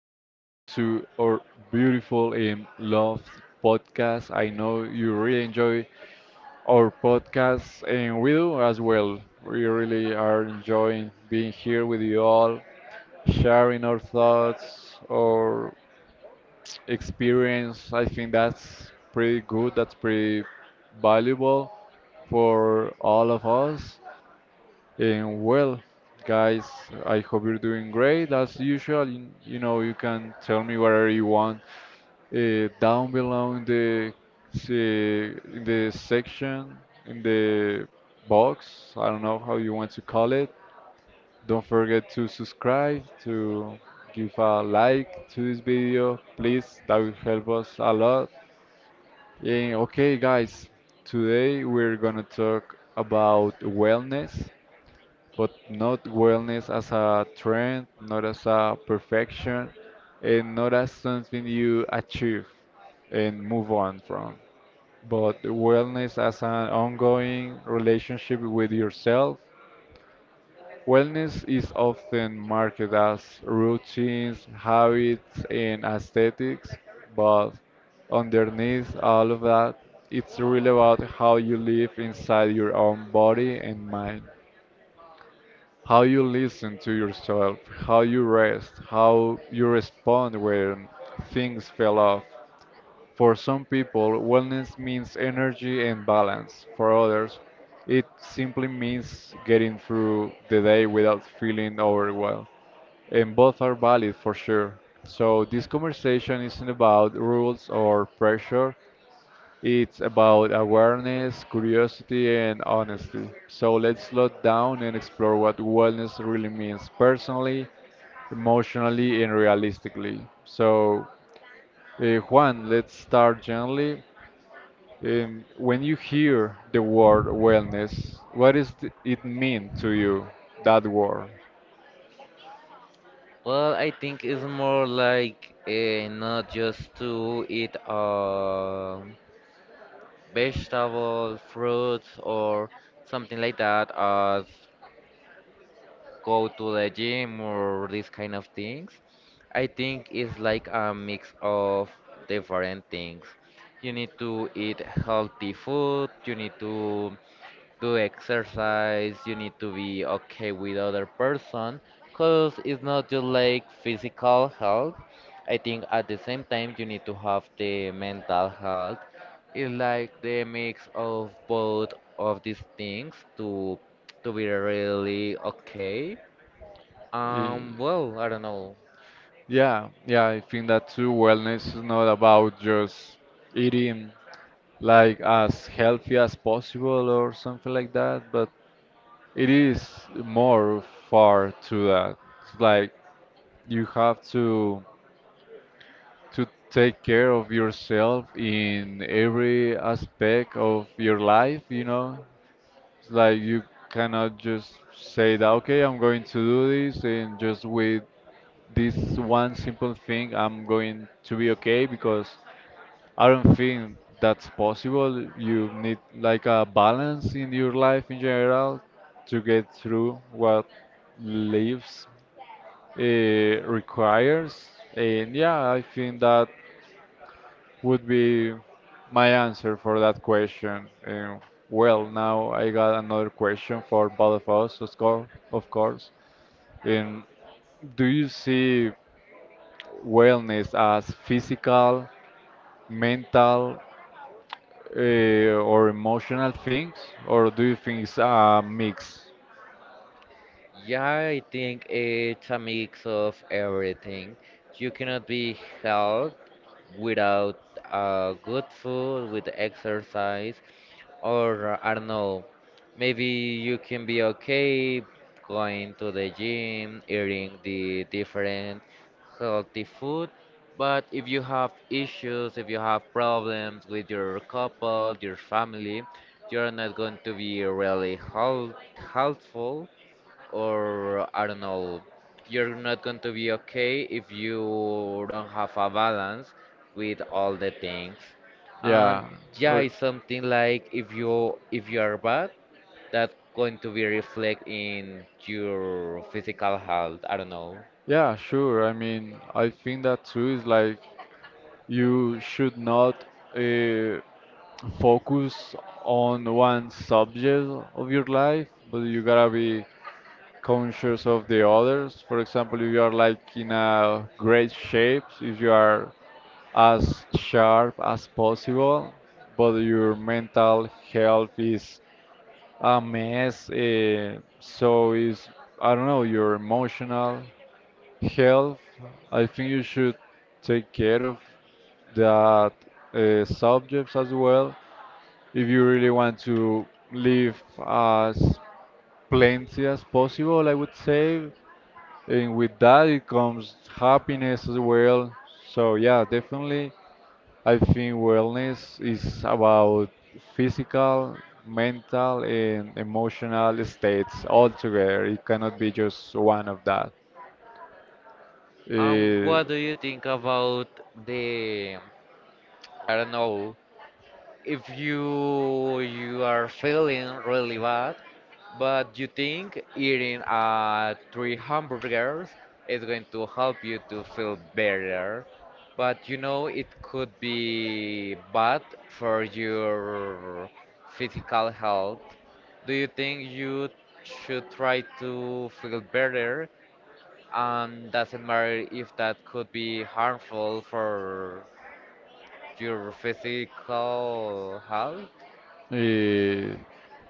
welcome to our beautiful and loved podcast. I know you really enjoy our podcast, and we do as well. We really are enjoying being here with you all, sharing our thoughts, our experience. I think that's pretty good, that's pretty valuable for all of us. And well, guys, I hope you're doing great as usual. You can tell me whatever you want down below in the in the section in the box. I don't know how you want to call it. Don't forget to subscribe, to give a like to this video, please. That will help us a lot. Okay, guys, today we're gonna talk about wellness, but not wellness as a trend, not as a perfection, and not as something you achieve and move on from. But wellness as an ongoing relationship with yourself. Wellness is often marketed as routines, habits, and aesthetics, but underneath all of that, it's really about how you live inside your own body and mind, how you listen to yourself, how you rest, how you respond when things fell off. For some people, wellness means energy and balance. For others, it simply means getting through the day without feeling overwhelmed. And both are valid for sure. So, this conversation isn't about rules or pressure, it's about awareness, curiosity, and honesty. So let's slow down and explore what wellness really means personally, emotionally, and realistically. So, Juan, let's start gently. When you hear the word wellness, what does it mean to you, that word? Well, I think it's more like not just to eat vegetables, fruits, or something like that, as go to the gym or these kind of things. I think it's like a mix of different things. You need to eat healthy food, you need to do exercise, you need to be okay with other person, cause it's not just like physical health. I think at the same time you need to have the mental health. It's like the mix of both of these things to be really okay. Eh, Well, I don't know. yeah, I think that too. Wellness is not about just eating like as healthy as possible or something like that, but it is more far to that. It's like you have to take care of yourself in every aspect of your life, you know? It's like you cannot just say that okay, I'm going to do this, and just with this one simple thing I'm going to be okay, because I don't think that's possible. You need like a balance in your life in general to get through what lives requires. And yeah, I think that would be my answer for that question. And well, now I got another question for both of us, of course. Of course. And do you see wellness as physical, mental, or emotional things, or do you think it's a mix? Yeah, I think it's a mix of everything. You cannot be healthy without good food, with exercise, or I don't know, maybe you can be okay going to the gym, eating the different healthy food. But if you have issues, if you have problems with your couple, your family, you're not going to be really helpful or I don't know, you're not going to be okay if you don't have a balance with all the things. And Yeah. yeah, Or- it's something like if you are bad, that's going to be reflect in your physical health. I don't know. Yeah, sure. I mean, I think that too is like you should not uh, focus on one subject of your life, but you gotta be conscious of the others. For example, if you are like in a great shape, if you are as sharp as possible, but your mental health is a mess, so is, I don't know, your emotional health, I think you should take care of that subjects as well if you really want to live as plenty as possible, I would say, and with that it comes happiness as well. So yeah, definitely I think wellness is about physical, mental and emotional states all together. It cannot be just one of that. And Uh, what do you think about the, I don't know, if you are feeling really bad but you think eating three hamburgers is going to help you to feel better but you know it could be bad for your physical health? Do you think you should try to feel better, doesn't matter if that could be harmful for your physical health? Eh,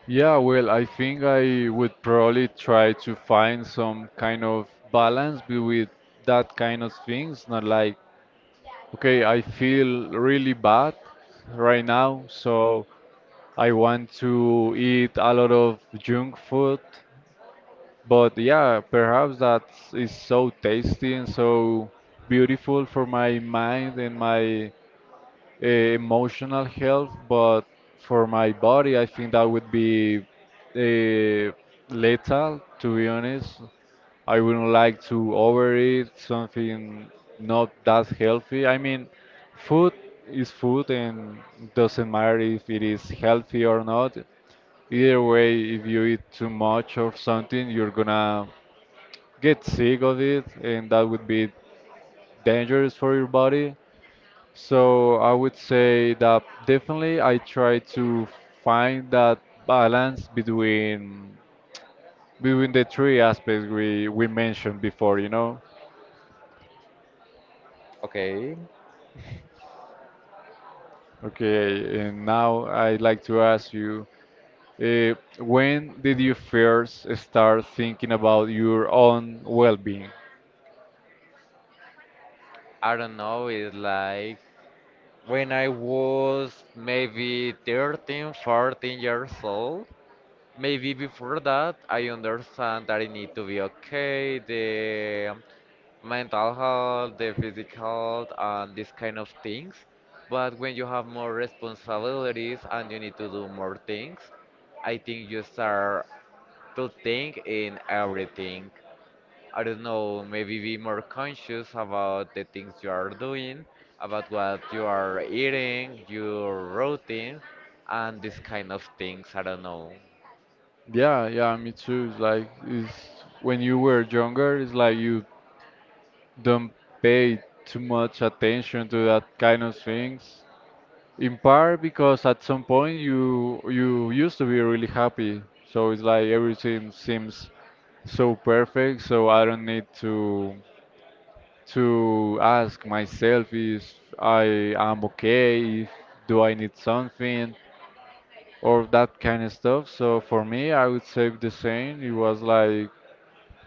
yeah, well, I think I would probably try to find some kind of balance with that kind of things, not like okay, I feel really bad right now, so I want to eat a lot of junk food. But yeah, perhaps that is so tasty and so beautiful for my mind and my emotional health. But for my body, I think that would be uh, lethal, to be honest. I wouldn't like to overeat something not that healthy. I mean, food is food and doesn't matter if it is healthy or not. Either way, if you eat too much or something, you're gonna get sick of it, and that would be dangerous for your body. So I would say that definitely I try to find that balance between between the three aspects we mentioned before, you know. Okay. Okay, and now I'd like to ask you, when did you first start thinking about your own well-being? I don't know, it's like when I was maybe 13, 14 years old, maybe before that, I understand that I need to be okay, the mental health, the physical health, and these kind of things. But when you have more responsibilities and you need to do more things, I think you start to think in everything. I don't know, maybe be more conscious about the things you are doing, about what you are eating, your routine, and this kind of things. I don't know. Yeah, yeah, me too. It's like it's when you were younger, it's like you don't pay too much attention to that kind of things. In part because at some point you used to be really happy, so it's like everything seems so perfect, so I don't need to ask myself if I am okay, if do I need something, or that kind of stuff. So for me, I would say the same. It was like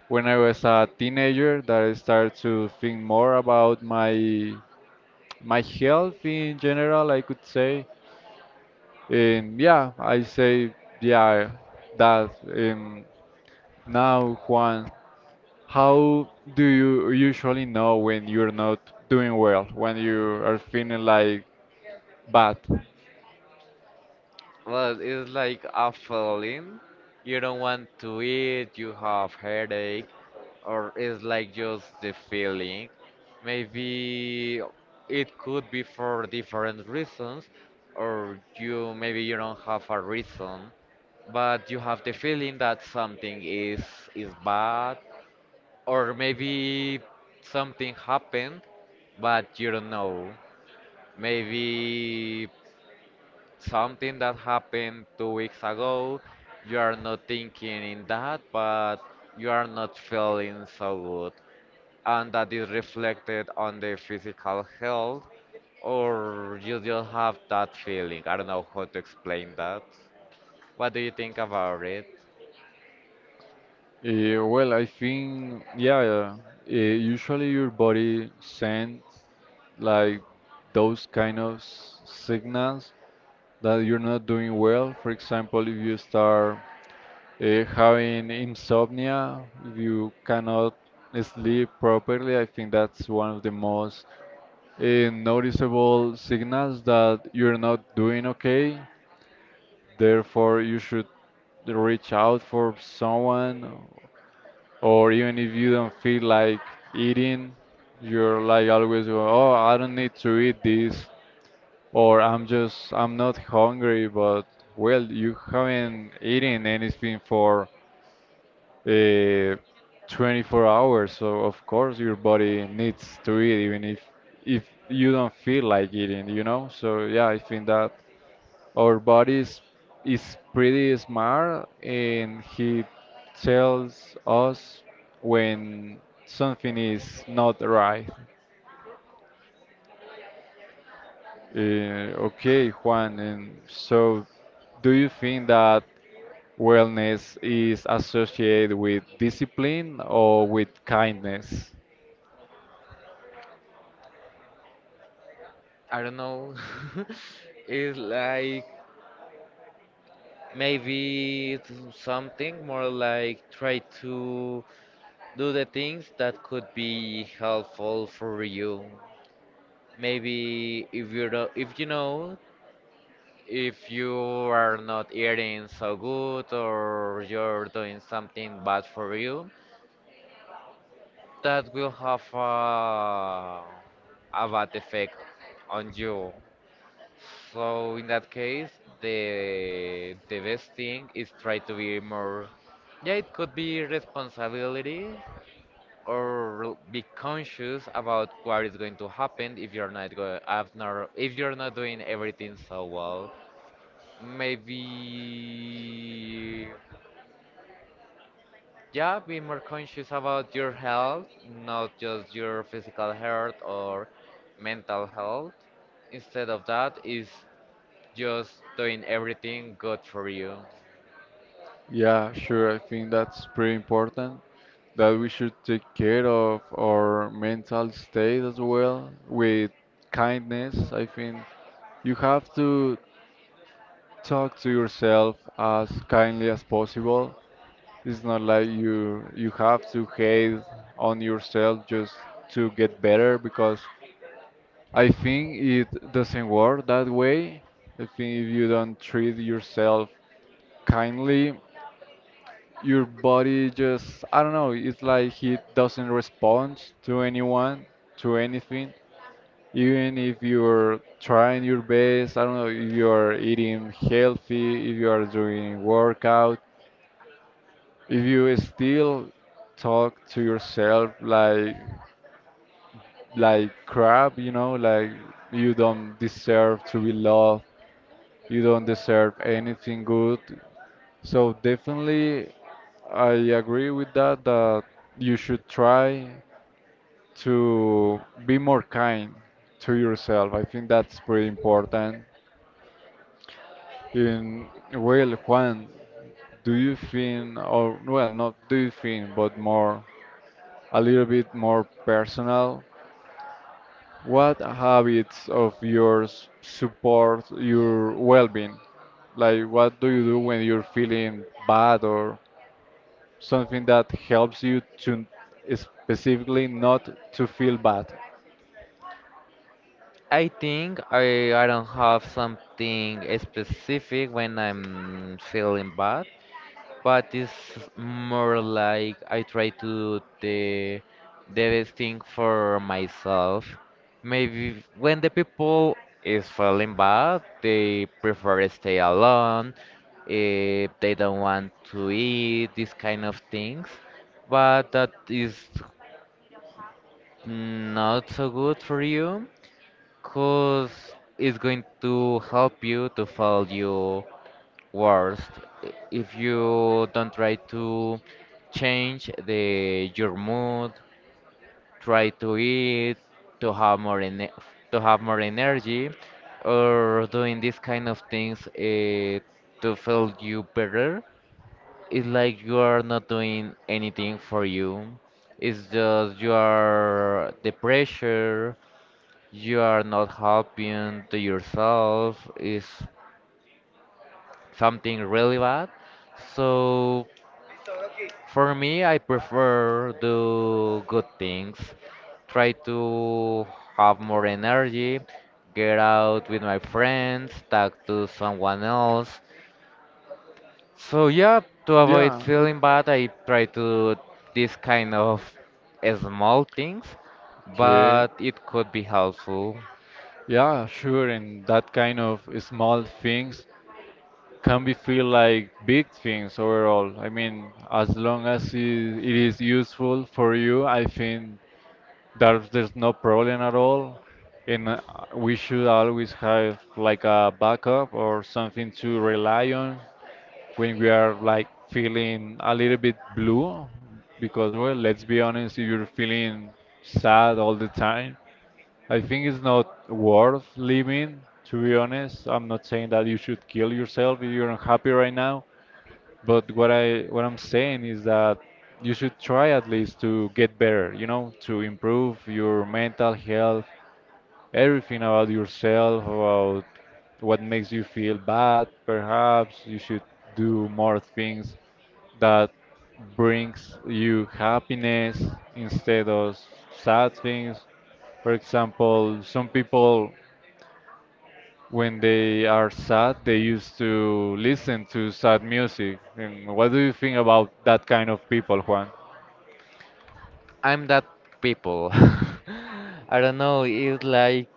when I was a teenager that I started to think more about my health in general, I could say. And yeah, I say yeah that. Now, Juan, how do you usually know when you're not doing well, when you are feeling like, But Well, it's like a feeling. You don't want to eat, you have headache, or it's like just the feeling. Maybe it could be for different reasons, or you maybe you don't have a reason but you have the feeling that something is bad, or maybe something happened but you don't know, maybe something that happened 2 weeks ago, you are not thinking in that but you are not feeling so good, and that is reflected on the physical health, or you just have that feeling. I don't know how to explain that. What do you think about it? well, I think yeah. Usually your body sends like those kind of signals that you're not doing well. For example, if you start having insomnia, if you cannot sleep properly, I think that's one of the most noticeable signals that you're not doing okay. Therefore, you should reach out for someone. Or even if you don't feel like eating, you're like always going, oh, I don't need to eat this, or I'm just, I'm not hungry, but well, you haven't eaten anything for uh, 24 hours, so of course your body needs to eat, even if you don't feel like eating, you know? So yeah, I think that our body's is pretty smart and he tells us when something is not right. Okay, Juan, and so do you think that wellness is associated with discipline or with kindness? I don't know. It's like maybe it's something more like try to do the things that could be helpful for you. Maybe if you do, if you know, if you are not eating so good or you're doing something bad for you, that will have a bad effect on you. So in that case, the best thing is try to be more. Yeah, it could be responsibility or be conscious about what is going to happen if you're not go if not if you're not doing everything so well. Maybe yeah, be more conscious about your health, not just your physical health or mental health. Instead of that, is just doing everything good for you? Yeah, sure. I think that's pretty important that we should take care of our mental state as well with kindness. I think you have to talk to yourself as kindly as possible. It's not like you have to hate on yourself just to get better, because I think it doesn't work that way. I think if you don't treat yourself kindly, your body just, I don't know, it's like he doesn't respond to anyone, to anything. Even if you're trying your best, I don't know, if you're eating healthy, if you are doing workout, if you still talk to yourself like crap, you know, like you don't deserve to be loved, you don't deserve anything good. So definitely, I agree with that, that you should try to be more kind to yourself. I think that's pretty important. In, well, Juan, do you think, or well, not do you think, but more, a little bit more personal, what habits of yours support your well-being? Like, what do you do when you're feeling bad, or something that helps you to specifically not to feel bad. I think I don't have something specific when I'm feeling bad, but it's more like I try to do the best thing for myself. Maybe when the people is feeling bad, they prefer stay alone, if they don't want to eat, these kind of things. But that is not so good for you, cause it's going to help you to fail your worst if you don't try to change the your mood, try to eat, to have more ene- to have more energy, or doing these kind of things to feel you better. It's like you are not doing anything for you. It's just you are the pressure, you are not helping to yourself, is something really bad. So for me, I prefer do good things, try to have more energy, get out with my friends, talk to someone else. So yeah, to avoid Yeah. feeling bad, I try to do this kind of small things, Okay. but it could be helpful. Yeah, sure, and that kind of small things can be feel like big things overall. I mean, as long as it is useful for you, I think there's no problem at all, and we should always have like a backup or something to rely on when we are like feeling a little bit blue. Because, well, let's be honest, if you're feeling sad all the time, I think it's not worth living, to be honest. I'm not saying that you should kill yourself if you're unhappy right now, but what I'm saying is that you should try at least to get better, you know, to improve your mental health, everything about yourself, about what makes you feel bad. Perhaps you should do more things that brings you happiness instead of sad things. For example, some people when they are sad, they used to listen to sad music. And what do you think about that kind of people, Juan? I'm that people. I don't know. It's like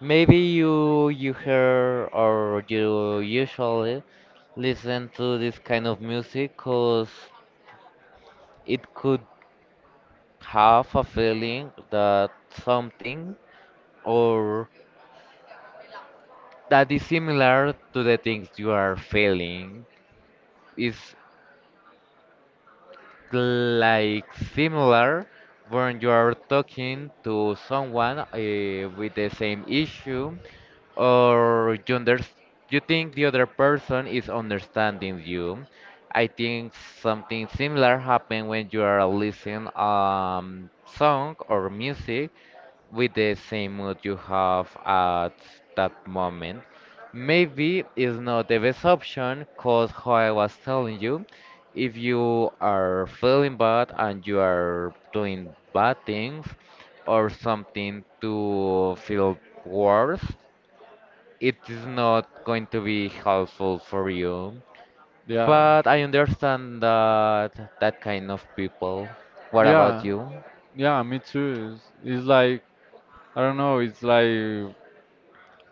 maybe you hear, or you usually listen to this kind of music because it could have a feeling that something, or that is similar to the things you are feeling. Is like similar when you are talking to someone with the same issue, or you think the other person is understanding you. I think something similar happened when you are listening song or music with the same mood you have at that moment. Maybe it's not the best option because how I was telling you, if you are feeling bad and you are doing bad things or something to feel worse, it is not going to be helpful for you. Yeah, But I understand that that kind of people. What about yeah, you? yeah. Me too. It's like I don't know. It's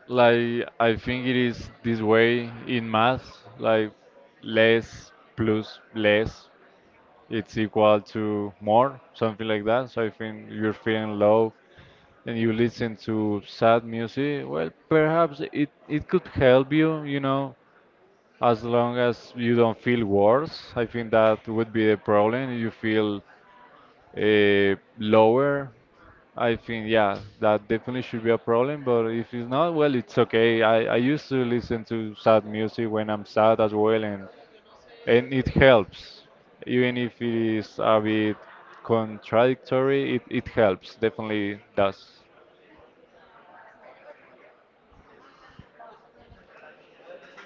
like I think it is this way in math. Like less plus less, it's equal to more, something like that. So I think you're feeling low and you listen to sad music, well, perhaps it could help you, you know, as long as you don't feel worse. I think that would be the problem. You feel lower. I think, yeah, that definitely should be a problem. But if it's not, well, it's okay. I used to listen to sad music when I'm sad as well, and it helps. Even if it is a bit contradictory, it helps, definitely does.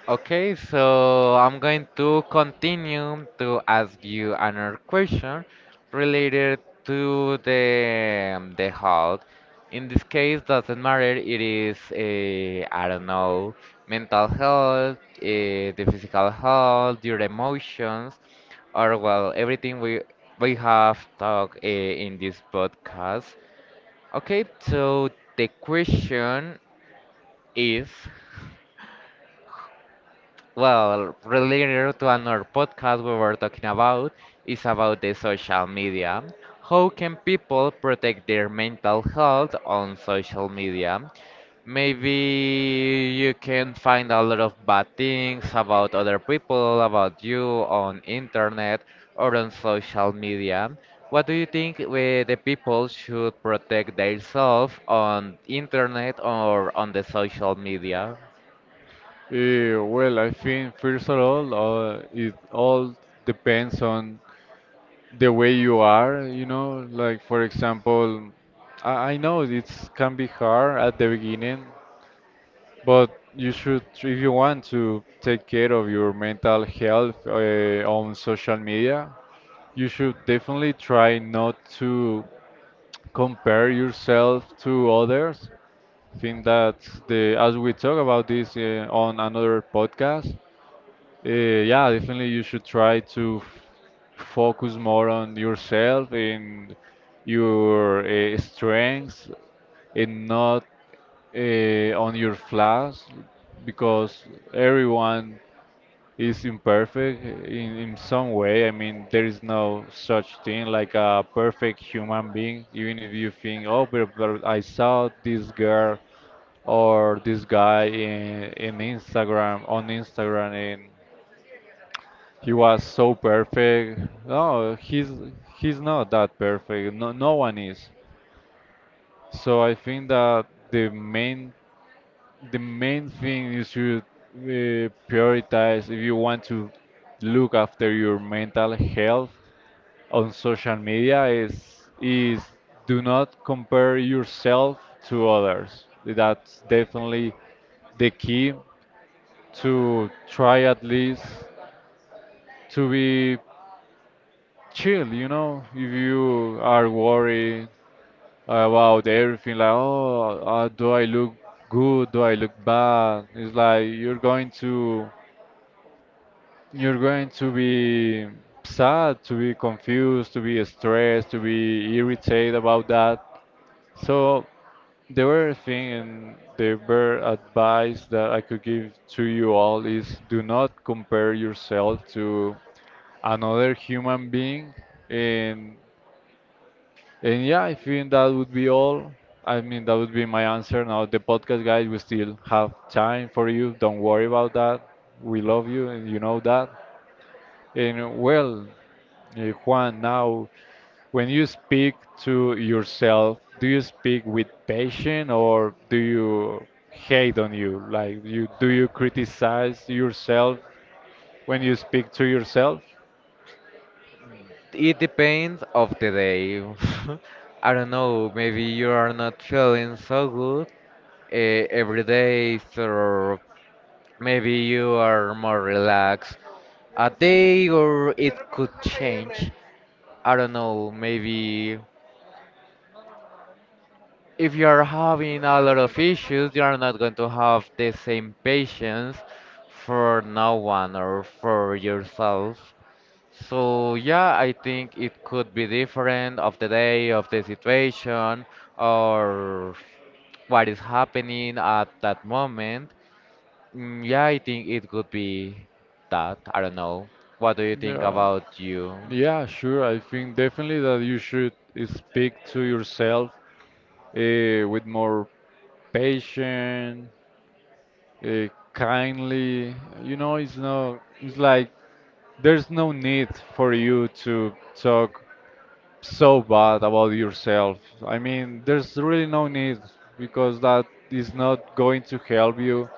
Okay, so I'm going to continue to ask you another question related to the health. In this case, doesn't matter. It is Don't know, mental health, the physical health, your emotions, or well, everything we have talked in this podcast. Okay, so the question is. Well, related to another podcast we were talking about, is about the social media. How can people protect their mental health on social media? Maybe you can find a lot of bad things about other people, about you, on internet or on social media. What do you think we, the people, should protect themselves on internet or on the social media? Well, I think first of all, it all depends on the way you are, you know. Like for example, I know it's can be hard at the beginning, but you should, if you want to take care of your mental health on social media, you should definitely try not to compare yourself to others. I think that the as we talk about this on another podcast. Yeah, definitely you should try to focus more on yourself and your strengths and not on your flaws because everyone is imperfect in some way. I mean, there is no such thing like a perfect human being, even if you think, oh, but I saw this girl or this guy on Instagram, and he was so perfect. No, he's not that perfect. No, no one is. So I think that the main thing you should prioritize if you want to look after your mental health on social media is do not compare yourself to others. That's definitely the key, to try at least to be chill. If you are worried about everything, like, oh, do I look good? Do I look bad? It's like you're going to be sad, to be confused, to be stressed, to be irritated about that. So the very thing and the very advice that I could give to you all is do not compare yourself to another human being and And yeah, I think that would be all. I mean, that would be my answer. Now, the podcast guys, we still have time for you. Don't worry about that. We love you, and you know that. And well, Juan, now, when you speak to yourself, do you speak with passion or do you hate on you? Like, you do you criticize yourself when you speak to yourself? It depends of the day. I don't know, maybe you are not feeling so good every day, so maybe you are more relaxed a day, or it could change. I don't know, maybe if you are having a lot of issues, you are not going to have the same patience for no one or for yourself. So yeah, I think it could be different of the day, of the situation, or what is happening at that moment. Mm, yeah, I think it could be that. I don't know. What do you think Yeah, about you? yeah, sure. I think definitely that you should speak to yourself with more patience, kindly. You know, it's like there's no need for you to talk so bad about yourself. I mean, there's really no need because that is not going to help you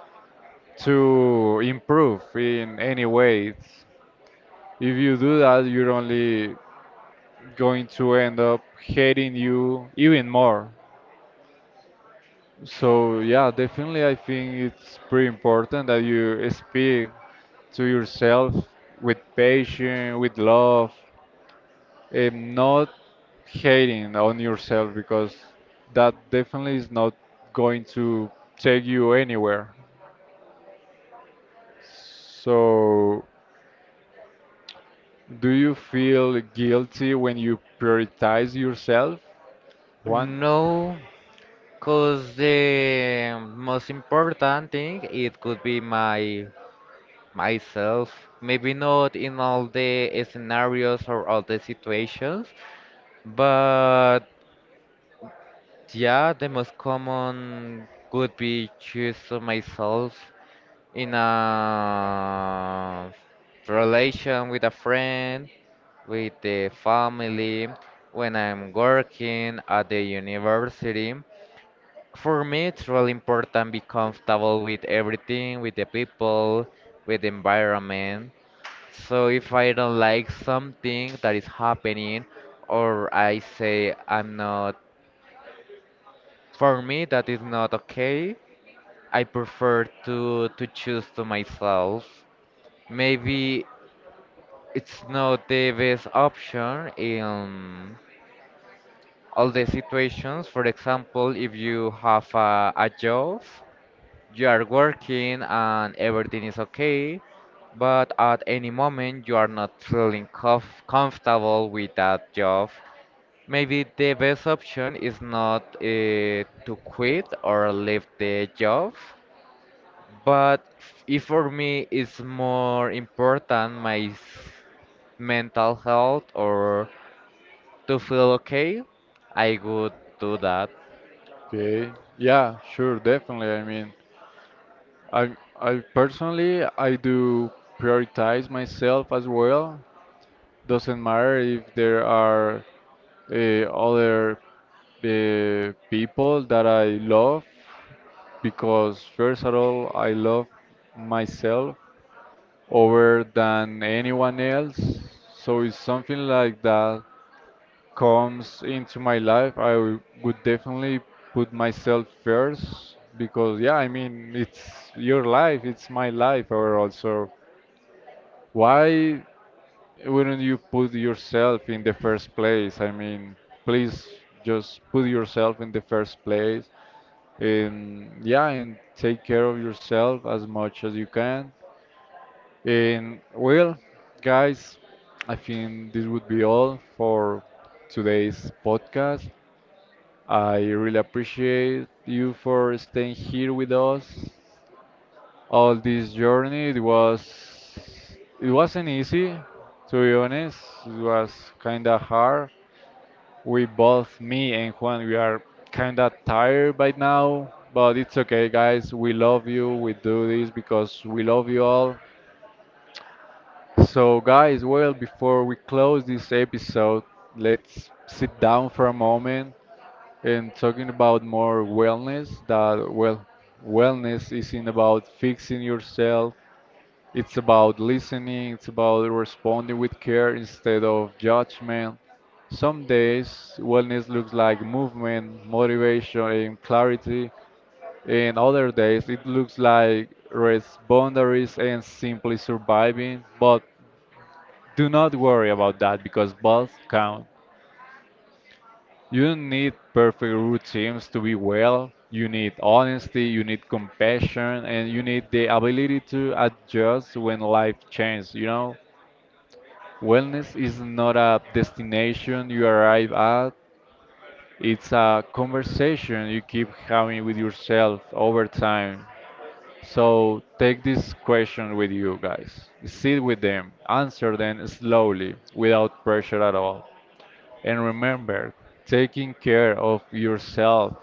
to improve in any way. If you do that, you're only going to end up hating you even more. So yeah, definitely I think it's pretty important that you speak to yourself with patience, with love, and not hating on yourself because that definitely is not going to take you anywhere. So do you feel guilty when you prioritize yourself? One. No, cause the most important thing it could be my myself. Maybe not in all the scenarios or all the situations, but yeah, the most common would be choose myself in a relation with a friend, with the family, when I'm working at the university. For me, it's really important be comfortable with everything, with the people, with the environment. So if I don't like something that is happening, or I say I'm not, for me, that is not okay. I prefer to choose to myself. Maybe it's not the best option in all the situations. For example, if you have a job, you are working and everything is okay, but at any moment you are not feeling comfortable with that job. Maybe the best option is not to quit or leave the job. But if for me it's more important mental health or to feel okay, I would do that. Okay. Yeah, sure, definitely. I mean, I, I personally, I do prioritize myself as well. Doesn't matter if there are uh, other people that I love, because first of all, I love myself over than anyone else. So if something like that comes into my life, would definitely put myself first because yeah, I mean, it's your life, it's my life overall. So why wouldn't you put yourself in the first place? I mean, please just put yourself in the first place and yeah, and take care of yourself as much as you can. And well, guys, I think this would be all for today's podcast. I really appreciate you for staying here with us all this journey. It wasn't easy, to be honest. It was kind of hard. We both, me and Juan, we are kind of tired by now, but it's okay, guys. We love you. We do this because we love you all. So, guys, well, before we close this episode, let's sit down for a moment and talking about more wellness. That well, wellness isn't about fixing yourself. It's about listening, it's about responding with care instead of judgment. Some days, wellness looks like movement, motivation, and clarity, and other days, it looks like rest boundaries and simply surviving. But do not worry about that because both count. You don't need perfect routines to be well. You need honesty, you need compassion, and you need the ability to adjust when life changes, you know? Wellness is not a destination you arrive at, it's a conversation you keep having with yourself over time. So take this question with you guys. Sit with them, answer them slowly, without pressure at all. And remember, taking care of yourself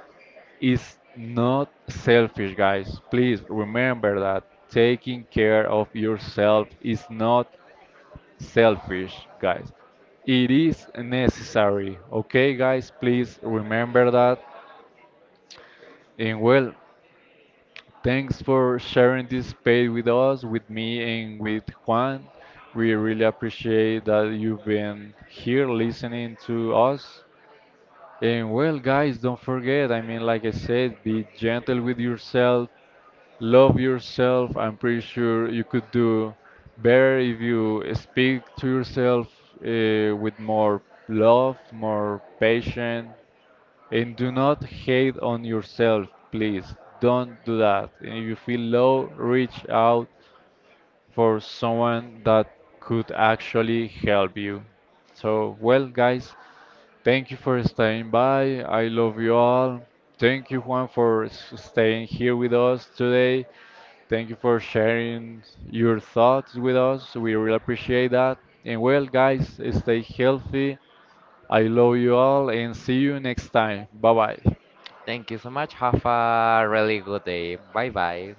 is not selfish, guys. Please remember that taking care of yourself is not selfish, guys. It is necessary. Okay, guys, please remember that. And well, thanks for sharing this space with us, with me, and with Juan. We really appreciate that you've been here listening to us. And well, guys, don't forget, I mean, like I said, be gentle with yourself, love yourself. I'm pretty sure you could do better if you speak to yourself with more love, more patience, and do not hate on yourself, please. Don't do that. And if you feel low, reach out for someone that could actually help you. So, well, guys, thank you for staying by. I love you all. Thank you, Juan, for staying here with us today. Thank you for sharing your thoughts with us. We really appreciate that. And well, guys, stay healthy. I love you all and see you next time. Bye bye. Thank you so much. Have a really good day. Bye bye.